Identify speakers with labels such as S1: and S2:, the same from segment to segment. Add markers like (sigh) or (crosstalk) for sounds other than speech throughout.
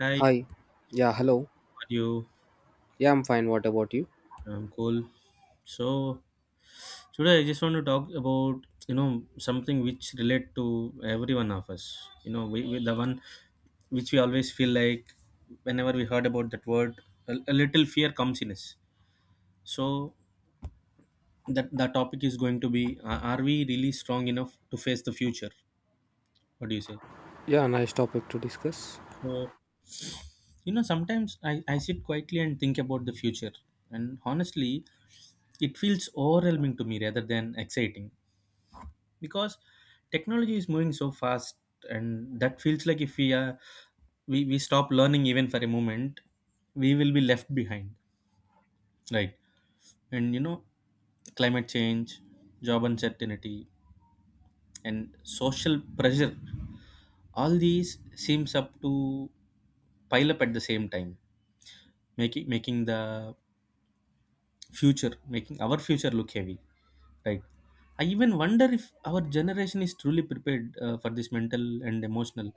S1: Hi, how are
S2: Hi. Yeah, hello.
S1: you?
S2: Yeah, I'm fine. What about you?
S1: I'm cool. So today I just want to talk about something which relate to every one of us. We the one which we always feel like whenever we heard about that word, a little fear comes in us. So, that the topic is going to be: Are we really strong enough to face the future? What do you say?
S2: Yeah, nice topic to discuss.
S1: So, sometimes I sit quietly and think about the future, and honestly, it feels overwhelming to me rather than exciting, because technology is moving so fast and that feels like if we stop learning even for a moment, we will be left behind, right? And climate change, job uncertainty, and social pressure, all these seems up to pile up at the same time, making making the making our future look heavy, right? I even wonder if our generation is truly prepared, for this mental and emotional,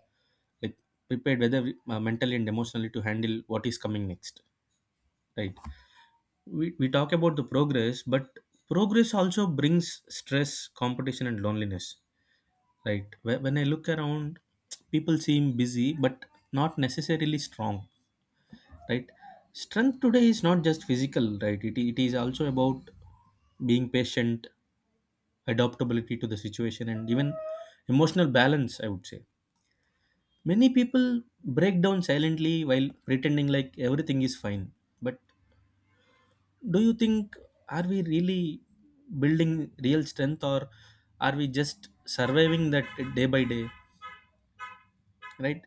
S1: like, mentally and emotionally to handle what is coming next, right? We talk about the progress, but progress also brings stress, competition, and loneliness, right? When I look around, people seem busy but not necessarily strong, right? Strength today is not just physical, right? It is also about being patient, adaptability to the situation, and even emotional balance, I would say. Many people break down silently while pretending like everything is fine, but do you think, are we really building real strength, or are we just surviving that day by day, right?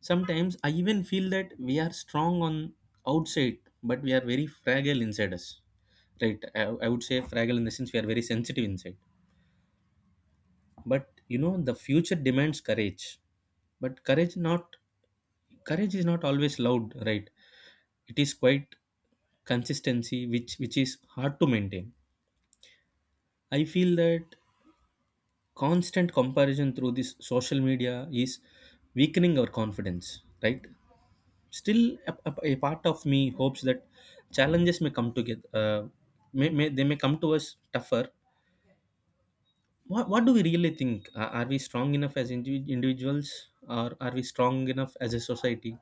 S1: Sometimes I even feel that we are strong on outside, but we are very fragile inside us. Right? I would say fragile in the sense we are very sensitive inside. But the future demands courage. But courage is not always loud, right? It is quite consistency which is hard to maintain. I feel that constant comparison through this social media is weakening our confidence, right? Still a part of me hopes that challenges may come together, may come to us tougher. What do we really think, are we strong enough as individuals, or are we strong enough as a society?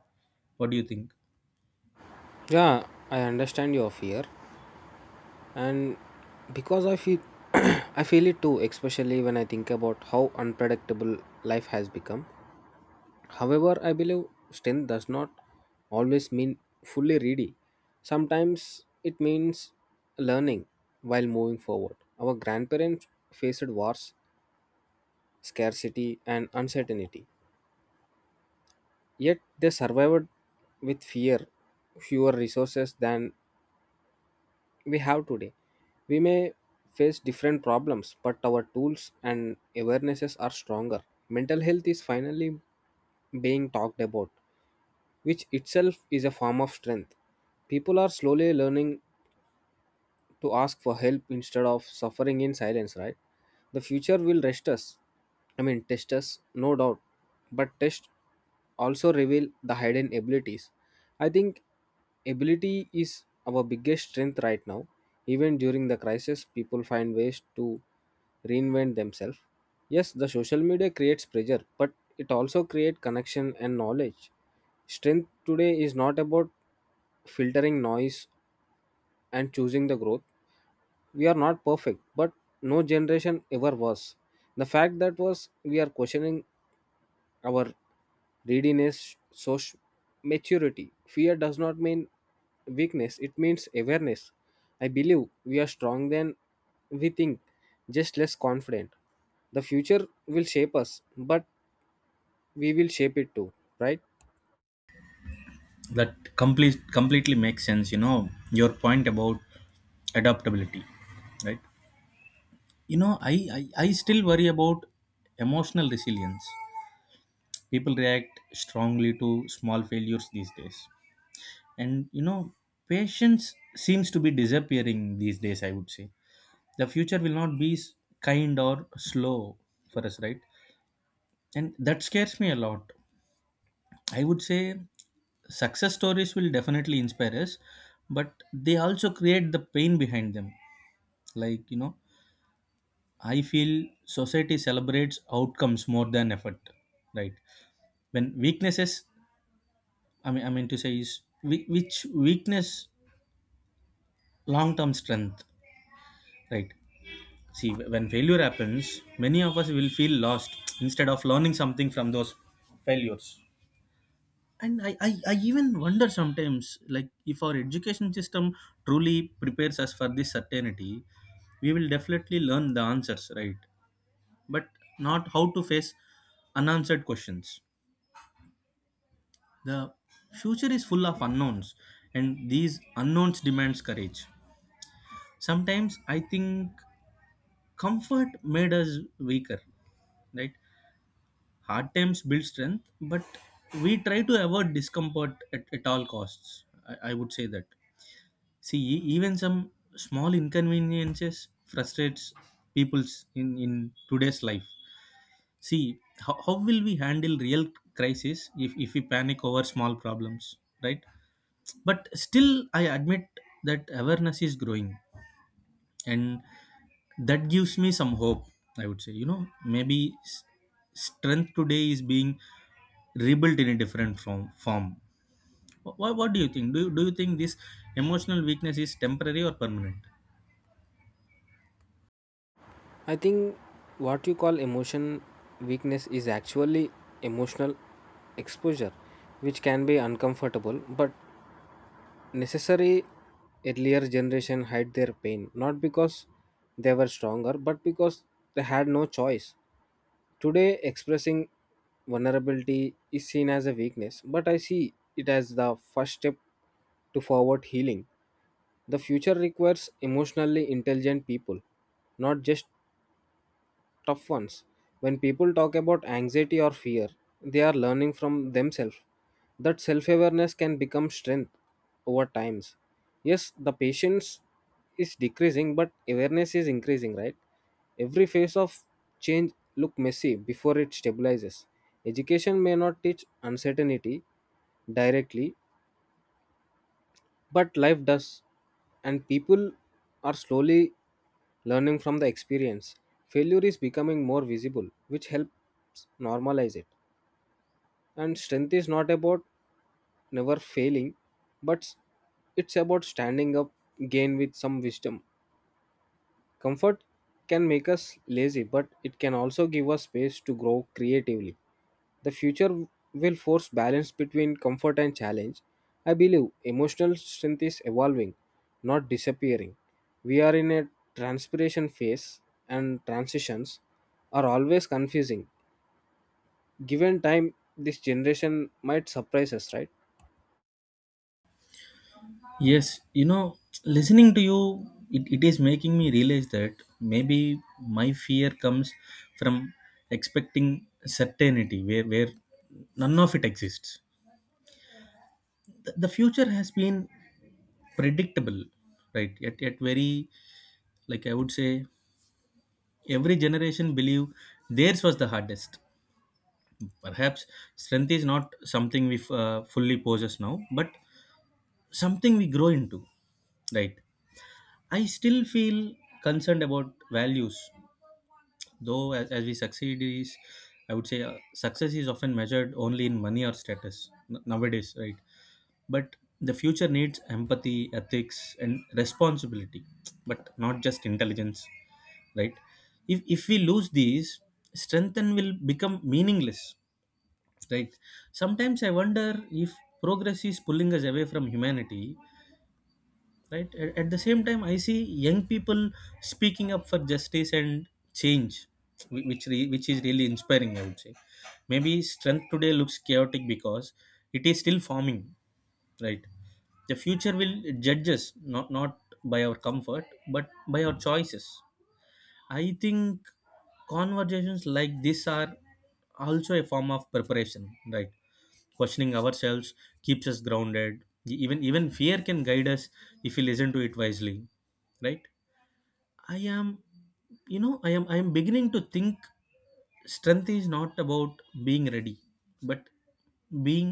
S1: What do you think?
S2: Yeah, I understand your fear and because I feel (clears throat) I feel it too, especially when I think about how unpredictable life has become. However, I believe strength does not always mean fully ready. Sometimes it means learning while moving forward. Our grandparents faced wars, scarcity and uncertainty. Yet they survived with fear, fewer resources than we have today. We may face different problems, but our tools and awarenesses are stronger. Mental health is finally being talked about, which itself is a form of strength. People are slowly learning to ask for help instead of suffering in silence, right? The future will rest us. Test us, no doubt, but test also reveal the hidden abilities. I think ability is our biggest strength right now. Even during the crisis, people find ways to reinvent themselves. Yes, the social media creates pressure, but it also creates connection and knowledge. Strength today is not about filtering noise and choosing the growth. We are not perfect, but no generation ever was. The fact that was we are questioning our readiness, social maturity, fear does not mean weakness, it means awareness. I believe we are stronger than we think, just less confident. The future will shape us, but we will shape it too, right?
S1: That completely makes sense. Your point about adaptability, right? you know i I still worry about emotional resilience. People react strongly to small failures these days, and patience seems to be disappearing these days, I would say. The future will not be kind or slow for us, right? And that scares me a lot, I would say. Success stories will definitely inspire us, but they also create the pain behind them. Like, I feel society celebrates outcomes more than effort, right? When weaknesses, I mean to say is, which weakness long term strength, right? See, when failure happens, many of us will feel lost instead of learning something from those failures. And I even wonder sometimes, like, if our education system truly prepares us for this certainty, we will definitely learn the answers, right? But not how to face unanswered questions. The future is full of unknowns, and these unknowns demands courage. Sometimes I think comfort made us weaker, right? Hard times build strength, but we try to avoid discomfort at all costs, I would say that. See, even some small inconveniences frustrates people's in today's life. See, how will we handle real crisis if we panic over small problems, right? But still, I admit that awareness is growing, and that gives me some hope. I would say, maybe strength today is being rebuilt in a different form. What do you think? Do you think this emotional weakness is temporary or permanent?
S2: I think what you call emotion weakness is actually emotional exposure, which can be uncomfortable but necessary. Earlier generation hide their pain not because they were stronger but because they had no choice. Today expressing vulnerability is seen as a weakness, but I see it as the first step to forward healing. The future requires emotionally intelligent people, not just tough ones. When people talk about anxiety or fear, they are learning from themselves. That self awareness can become strength over times. Yes, the patience is decreasing, but awareness is increasing, right? Every phase of change look messy before it stabilizes. Education may not teach uncertainty directly, but life does, and people are slowly learning from the experience. Failure is becoming more visible, which helps normalize it. And strength is not about never failing, but it's about standing up again with some wisdom. Comfort can make us lazy, but it can also give us space to grow creatively. The future will force balance between comfort and challenge. I believe emotional strength is evolving, not disappearing. We are in a transpiration phase, and transitions are always confusing. Given time, this generation might surprise us, right?
S1: Yes, listening to you, it is making me realize that maybe my fear comes from expecting certainty where none of it exists. The future has been predictable, right? Yet very, like I would say, every generation believe theirs was the hardest. Perhaps strength is not something we fully possess now, but something we grow into, right? I still feel concerned about values, though as we succeed is, I would say, success is often measured only in money or status nowadays, right? But the future needs empathy, ethics, and responsibility, but not just intelligence, right? If we lose these, strength then will become meaningless, right? Sometimes I wonder if progress is pulling us away from humanity, right? At the same time, I see young people speaking up for justice and change, which is really inspiring, I would say. Maybe strength today looks chaotic because it is still forming, right? The future will judge us not by our comfort, but by our choices. I think conversations like this are also a form of preparation, right? Questioning ourselves keeps us grounded. Even fear can guide us if we listen to it wisely, right? I am, beginning to think strength is not about being ready, but being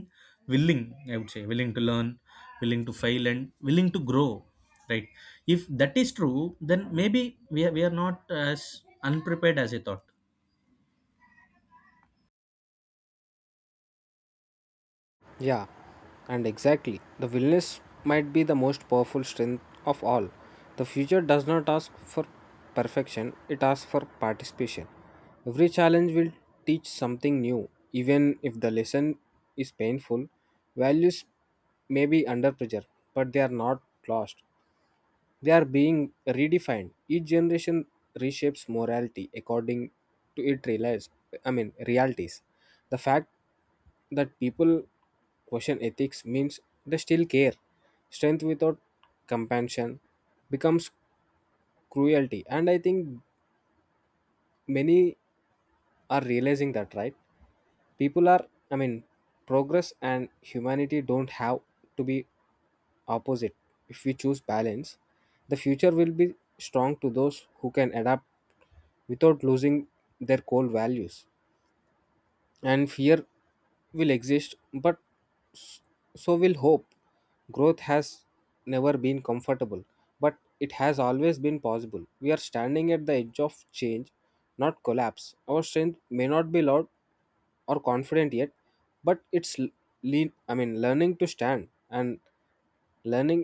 S1: willing. I would say willing to learn, willing to fail, and willing to grow. Right? If that is true, then maybe we are not as unprepared as I thought.
S2: Yeah, and exactly. The willingness might be the most powerful strength of all. The future does not ask for perfection, it asks for participation. Every challenge will teach something new, even if the lesson is painful. Values may be under pressure, but they are not lost. They are being redefined. Each generation reshapes morality according to its realize, I mean realities. The fact that people question ethics means they still care. Strength without compassion becomes cruelty. And I think many are realizing that, right? People are, I mean, Progress and humanity don't have to be opposite. If we choose balance, the future will be strong to those who can adapt without losing their core values. And fear will exist, but s- so will hope. Growth has never been comfortable, but it has always been possible. We are standing at the edge of change, not collapse. Our strength may not be loud or confident yet, but it's l- lean I mean learning to stand, and learning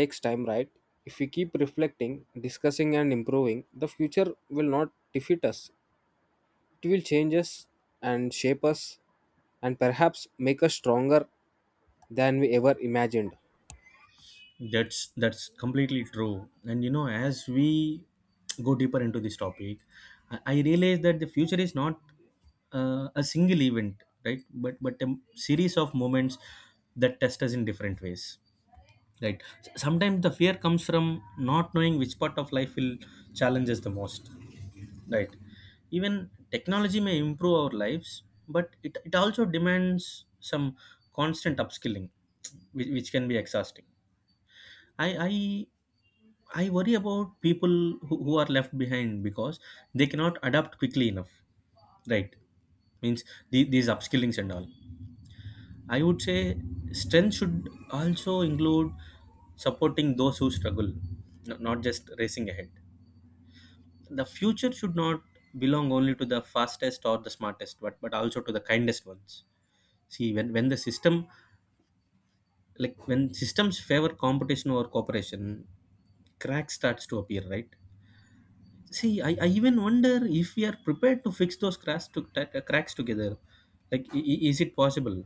S2: takes time, right? If we keep reflecting, discussing and improving, the future will not defeat us, it will change us and shape us and perhaps make us stronger than we ever imagined.
S1: That's completely true. And as we go deeper into this topic, I realize that the future is not, a single event, right? But a series of moments that test us in different ways, right? Sometimes the fear comes from not knowing which part of life will challenge us the most, right? Even technology may improve our lives, but it also demands some constant upskilling, which can be exhausting. I, I I worry about people who are left behind because they cannot adapt quickly enough. Right? Means these upskillings and all. I would say strength should also include supporting those who struggle, not just racing ahead. The future should not belong only to the fastest or the smartest, but also to the kindest ones. See, when the system, like when systems favor competition over cooperation, cracks starts to appear, right? See, I even wonder if we are prepared to fix those cracks cracks together. Like, is it possible,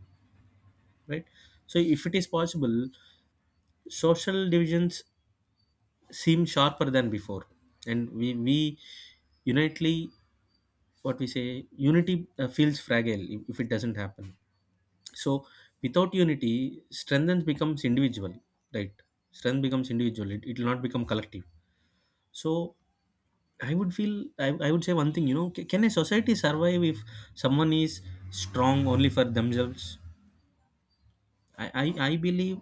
S1: right? So, if it is possible, social divisions seem sharper than before, and we unitely what we say unity, feels fragile if it doesn't happen. So, without unity, strength becomes individual, right? Strength becomes individual. It will not become collective. So, I would feel, I would say one thing, can a society survive if someone is strong only for themselves? I believe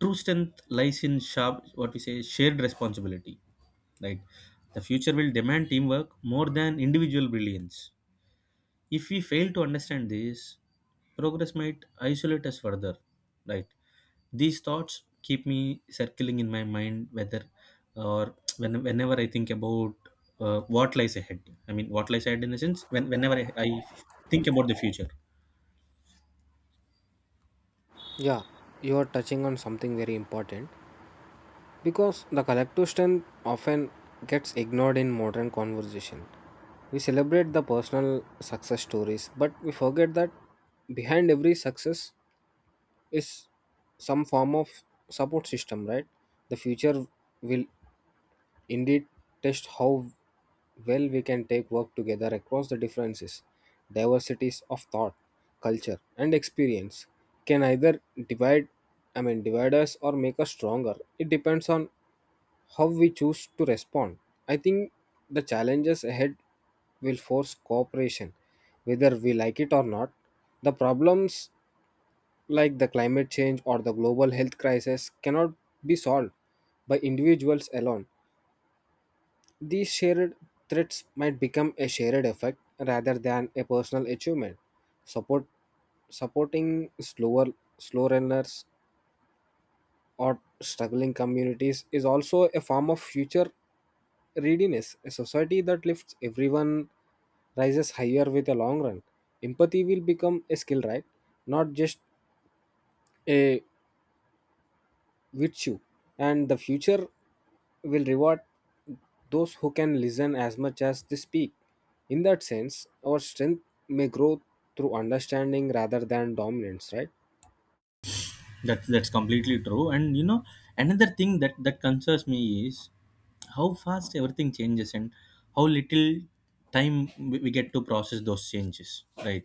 S1: true strength lies in sharp, what we say, shared responsibility. Like, the future will demand teamwork more than individual brilliance. If we fail to understand this, progress might isolate us further, right? These thoughts keep me circling in my mind, whether or whenever I think about, what lies ahead. I mean, what lies ahead in a sense, whenever I think about the future.
S2: Yeah, you are touching on something very important because the collective strength often gets ignored in modern conversation. We celebrate the personal success stories, but we forget that behind every success is some form of support system, right? The future will indeed test how well we can take work together across the differences. Diversities of thought, culture and experience can either divide I mean divide us or make us stronger. It depends on how we choose to respond. I think the challenges ahead will force cooperation, whether we like it or not. The problems like the climate change or the global health crisis cannot be solved by individuals alone. These shared threats might become a shared effect rather than a personal achievement. Support Supporting slow learners or struggling communities is also a form of future readiness. A society that lifts everyone rises higher with a long run. Empathy will become a skill, right? Not just a with you, and the future will reward those who can listen as much as they speak. In that sense, our strength may grow through understanding rather than dominance, right?
S1: That's completely true. And another thing that concerns me is how fast everything changes and how little time we get to process those changes, right?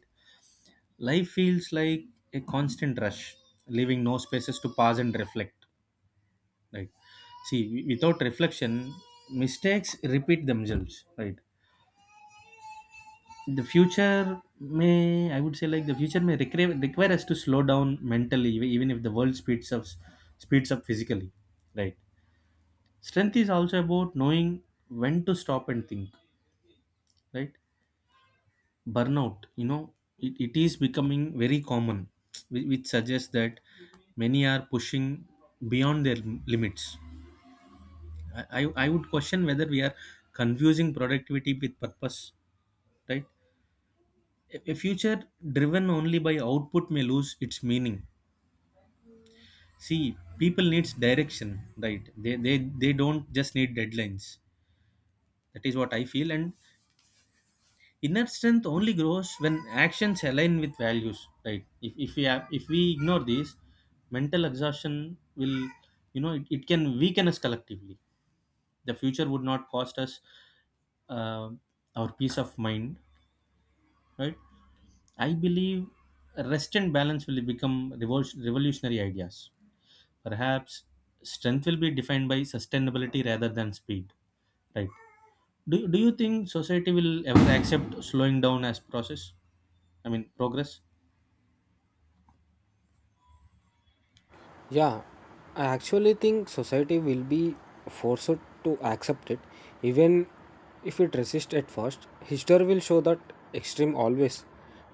S1: Life feels like a constant rush, leaving no spaces to pause and reflect, right? See, without reflection, mistakes repeat themselves, right? the future may I would say, like, the future may require us to slow down mentally, even if the world speeds up physically, right? Strength is also about knowing when to stop and think, right? Burnout, it is becoming very common, which suggests that many are pushing beyond their limits. I would question whether we are confusing productivity with purpose, right? A future driven only by output may lose its meaning. See, people needs direction, right? They don't just need deadlines. That is what I feel. And inner strength only grows when actions align with values, right? If we ignore this, mental exhaustion will, it can weaken us collectively. The future would not cost us, uh, our peace of mind, right? I believe rest and balance will become revolutionary ideas. Perhaps strength will be defined by sustainability rather than speed, right? Do you think society will ever accept slowing down as process, I mean progress?
S2: Yeah, I actually think society will be forced to accept it, even if it resists at first. History will show that extreme always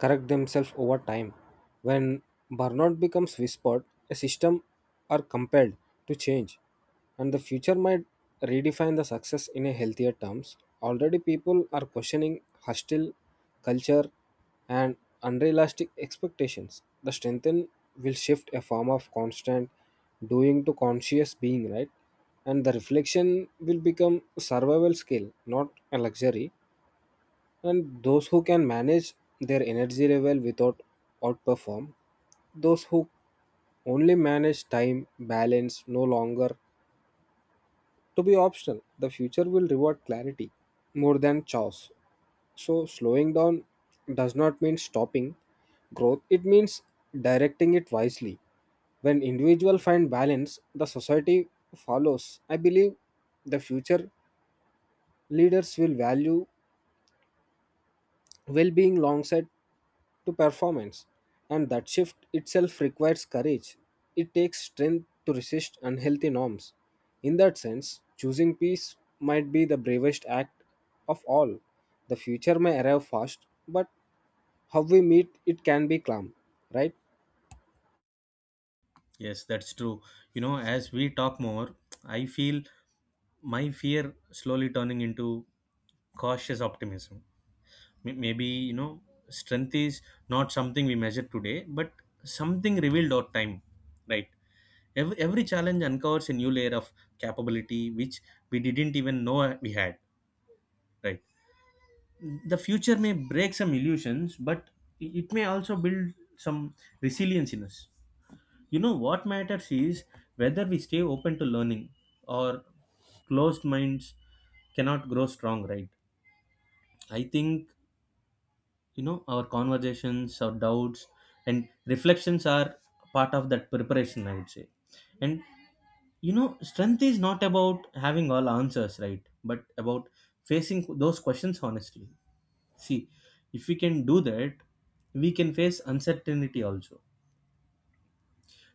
S2: correct themselves over time. When burnout becomes whispered, a system are compelled to change, and the future might redefine the success in a healthier terms. Already people are questioning hostile culture and unrealistic expectations. The strengthen will shift a form of constant doing to conscious being, right? And the reflection will become survival skill, not a luxury. And those who can manage their energy level without outperform those who only manage time. Balance no longer to be optional. The future will reward clarity more than chaos. So, slowing down does not mean stopping growth, it means directing it wisely. When individuals find balance, the society follows. I believe the future leaders will value well being alongside to performance, and that shift itself requires courage. It takes strength to resist unhealthy norms. In that sense, choosing peace might be the bravest act of all. The future may arrive fast, but how we meet it can be calm, right?
S1: Yes, that's true. As we talk more, I feel my fear slowly turning into cautious optimism. Maybe, strength is not something we measure today, but something revealed over time, right? Every challenge uncovers a new layer of capability which we didn't even know we had, right? The future may break some illusions, but it may also build some resilience in us. You know what matters is whether we stay open to learning, or closed minds cannot grow strong, right? I think, you know, our conversations, our doubts, and reflections are part of that preparation, I would say. And, you know, strength is not about having all answers, right? But about facing those questions honestly. See, if we can do that, we can face uncertainty also.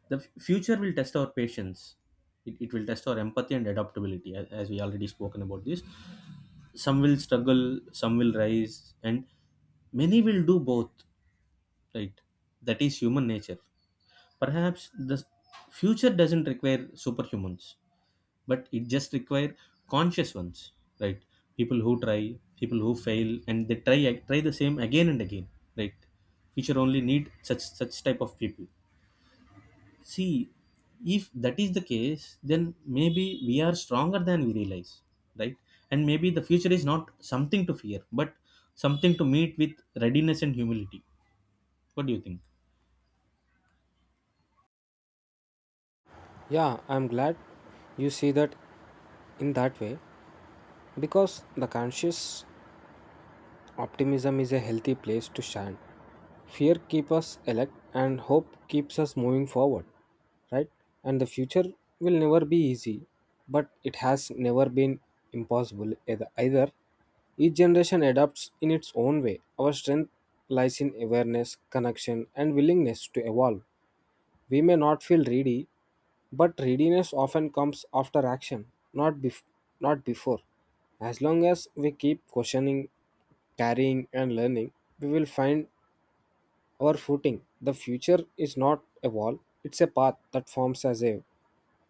S1: The future will test our patience. It will test our empathy and adaptability, as we already spoken about this. Some will struggle, some will rise, and many will do both, right? That is human nature. Perhaps the future doesn't require superhumans, but it just require conscious ones, right? People who try, people who fail and they try try the same again and again, right? Future only need such type of people. See, if that is the case, then maybe we are stronger than we realize, right? And maybe the future is not something to fear, but something to meet with readiness and humility. What do you think?
S2: Yeah, I'm glad you see that in that way, because the conscious optimism is a healthy place to stand. Fear keeps us elect and hope keeps us moving forward, right? And the future will never be easy, but it has never been impossible either. Each generation adapts in its own way. Our strength lies in awareness, connection, and willingness to evolve. We may not feel ready, but readiness often comes after action, not, bef- not before. As long as we keep questioning, carrying, and learning, we will find our footing. The future is not a wall, it's a path that forms as a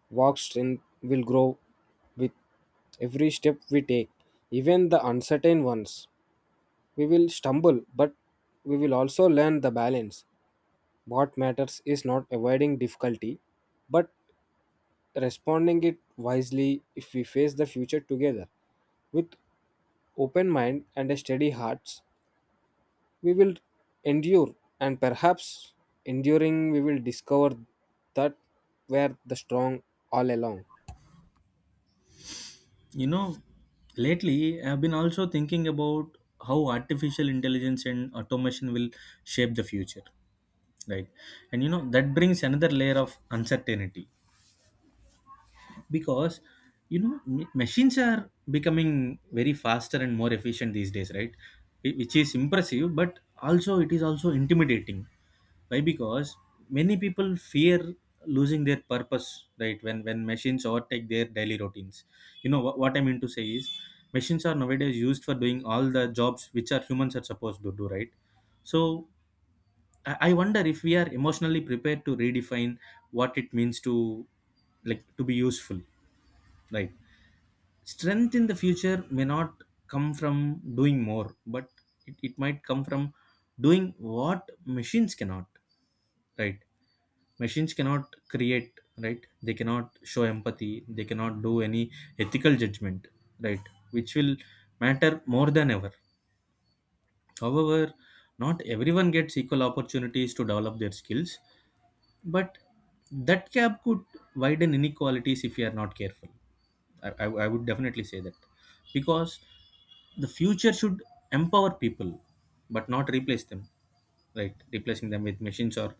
S2: walk. Strength will grow with every step we take, even the uncertain ones. We will stumble, but we will also learn the balance. What matters is not avoiding difficulty, but responding it wisely. If we face the future together with open mind and a steady hearts, we will endure, and perhaps enduring, we will discover that were the strong all along.
S1: You know, lately I've been also thinking about how artificial intelligence and automation will shape the future, right? And you know, that brings another layer of uncertainty, because you know machines are becoming very faster and more efficient these days, right? Which is impressive, but also it is also intimidating. Why? Because many people fear losing their purpose, right? When machines overtake their daily routines, you know what I mean to say is machines are nowadays used for doing all the jobs which are humans are supposed to do, right? So I wonder if we are emotionally prepared to redefine what it means to, like, to be useful, right? Strength in the future may not come from doing more, but it might come from doing what machines cannot, right? Machines cannot create, right? They cannot show empathy, they cannot do any ethical judgment, right? Which will matter more than ever. However, not everyone gets equal opportunities to develop their skills, but that gap could widen inequalities if we are not careful. I would definitely say that, because the future should empower people, but not replace them, right? Replacing them with machines or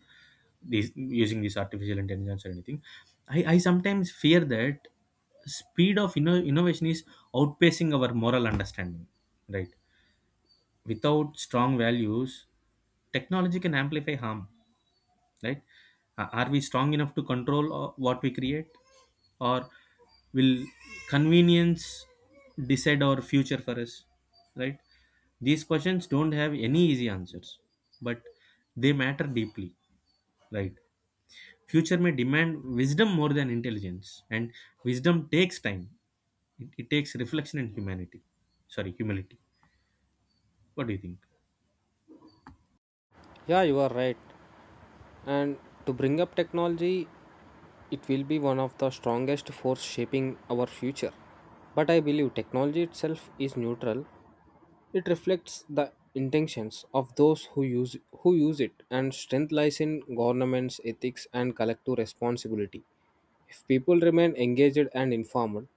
S1: these using these artificial intelligence or anything. I sometimes fear that speed of innovation is outpacing our moral understanding, right? Without strong values, technology can amplify harm, right? Are we strong enough to control what we create, or will convenience decide our future for us, right? These questions don't have any easy answers, but they matter deeply, right? Future may demand wisdom more than intelligence, and wisdom takes time. It takes reflection and humanity, sorry, humility. What do you think?
S2: Yeah, you are right. And to bring up technology, it will be one of the strongest force shaping our future. But I believe technology itself is neutral. It reflects the intentions of those who use it, and strength lies in governments, ethics and collective responsibility. If people remain engaged and informed,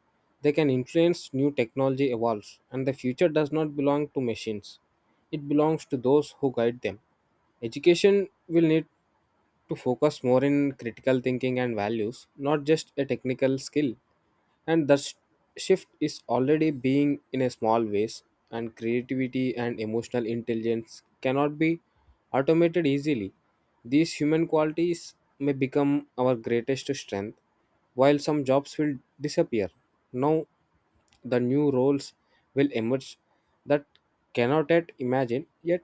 S2: they can influence new technology evolves, and the future does not belong to machines. It belongs to those who guide them. Education will need to focus more in critical thinking and values, not just a technical skill. And that shift is already being in a small ways, and creativity and emotional intelligence cannot be automated easily. These human qualities may become our greatest strength, while some jobs will disappear. Now, the new roles will emerge that cannot yet imagine, yet.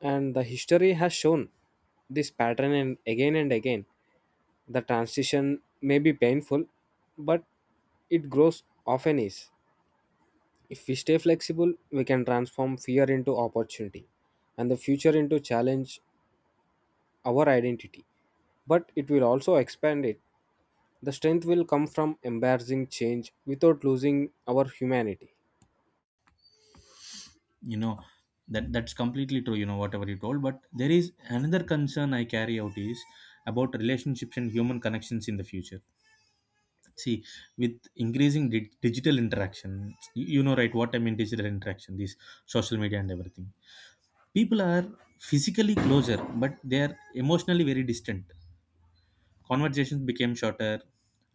S2: And the history has shown this pattern and again and again. The transition may be painful, but it grows often is. If we stay flexible, we can transform fear into opportunity and the future into challenge. Our identity, but it will also expand it. The strength will come from embarrassing change without losing our humanity.
S1: You know, that that's completely true, you know, whatever you told, but there is another concern I carry out is about relationships and human connections in the future. See, with increasing digital interaction, you know, right, what I mean, digital interaction, these social media and everything, people are physically closer, but they are emotionally very distant. Conversations became shorter,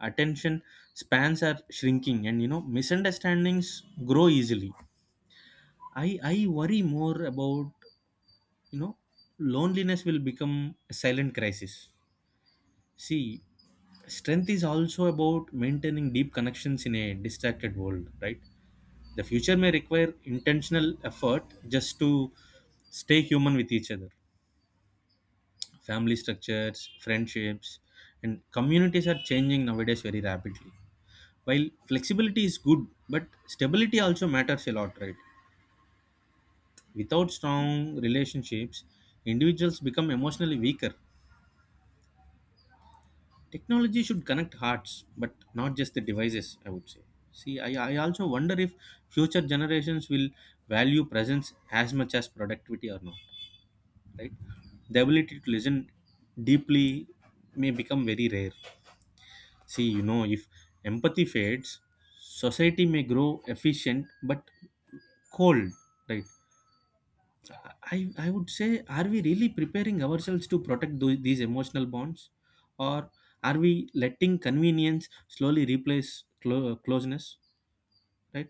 S1: attention spans are shrinking, and you know, misunderstandings grow easily. I worry more about, you know, loneliness will become a silent crisis. See, strength is also about maintaining deep connections in a distracted world, right? The future may require intentional effort just to stay human with each other. Family structures, friendships, and communities are changing nowadays very rapidly. While flexibility is good, but stability also matters a lot, right? Without strong relationships, individuals become emotionally weaker. Technology should connect hearts, but not just the devices, I would say. See, I also wonder if future generations will value presence as much as productivity or not, right? The ability to listen deeply may become very rare. See, you know, if empathy fades, society may grow efficient but cold, right? I would say, are we really preparing ourselves to protect these emotional bonds? Or are we letting convenience slowly replace closeness? Right?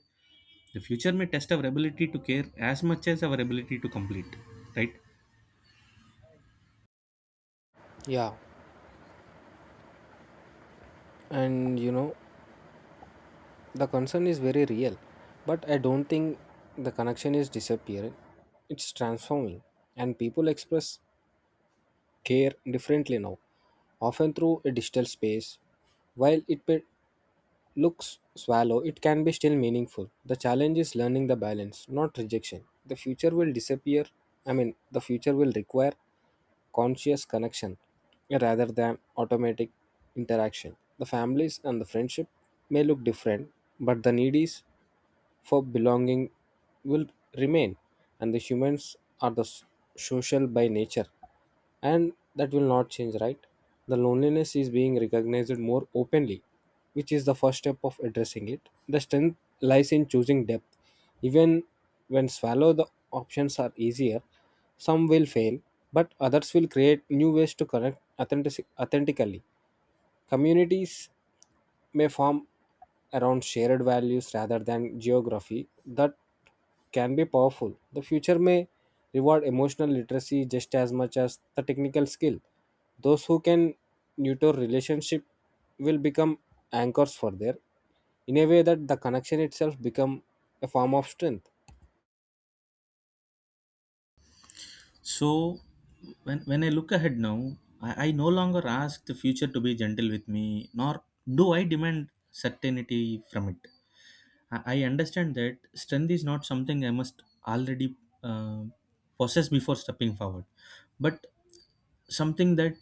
S1: The future may test our ability to care as much as our ability to complete. Right?
S2: Yeah, and you know, the concern is very real, but I don't think the connection is disappearing. It's transforming, and people express care differently now, often through a digital space. While it may looks shallow, it can be still meaningful. The challenge is learning the balance, not rejection. The future will disappear. The future will require conscious connection rather than automatic interaction. The families and the friendship may look different, but the need is for belonging will remain. And the humans are the social by nature, and that will not change, right? The loneliness is being recognized more openly, which is the first step of addressing it. The strength lies in choosing depth, even when swallow the options are easier. Some will fail, but others will create new ways to connect authentically. Communities may form around shared values rather than geography. That can be powerful. The future may reward emotional literacy just as much as the technical skill. Those who can nurture relationship will become anchors for their in a way that the connection itself become a form of strength.
S1: So, when I look ahead now, I no longer ask the future to be gentle with me, nor do I demand certainty from it. I understand that strength is not something I must already uh, possess before stepping forward, but something that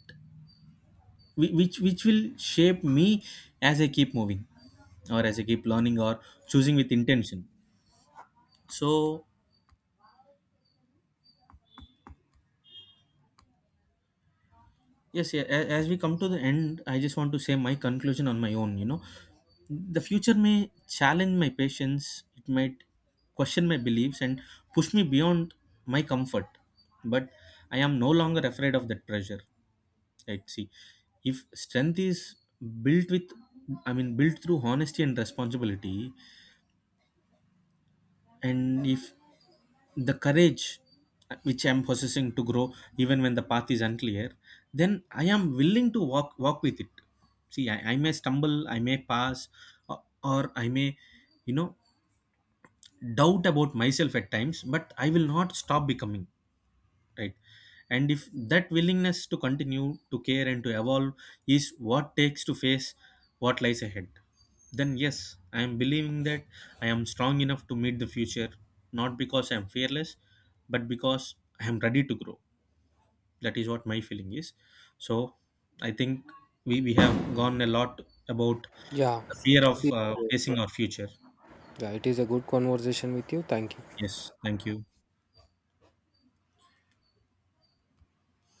S1: which will shape me as I keep moving, or as I keep learning, or choosing with intention. So yes, yeah, as we come to the end, I just want to say my conclusion on my own. You know, the future may challenge my patience. It might question my beliefs and push me beyond my comfort, but I am no longer afraid of that pressure. Right. See, if strength is built with, I mean, built through honesty and responsibility, and if the courage which I'm possessing to grow, even when the path is unclear, then I am willing to walk with it. See, I may stumble, I may pass, or I may, you know, doubt about myself at times, but I will not stop becoming. Right. And if that willingness to continue to care and to evolve is what takes to face what lies ahead, then yes, I am believing that I am strong enough to meet the future, not because I am fearless, but because I am ready to grow. That is what my feeling is. So I think we have gone a lot about
S2: Yeah.
S1: the fear of
S2: It is-
S1: facing our future.
S2: Yeah, it is a good conversation with you. Thank you.
S1: Yes, thank you.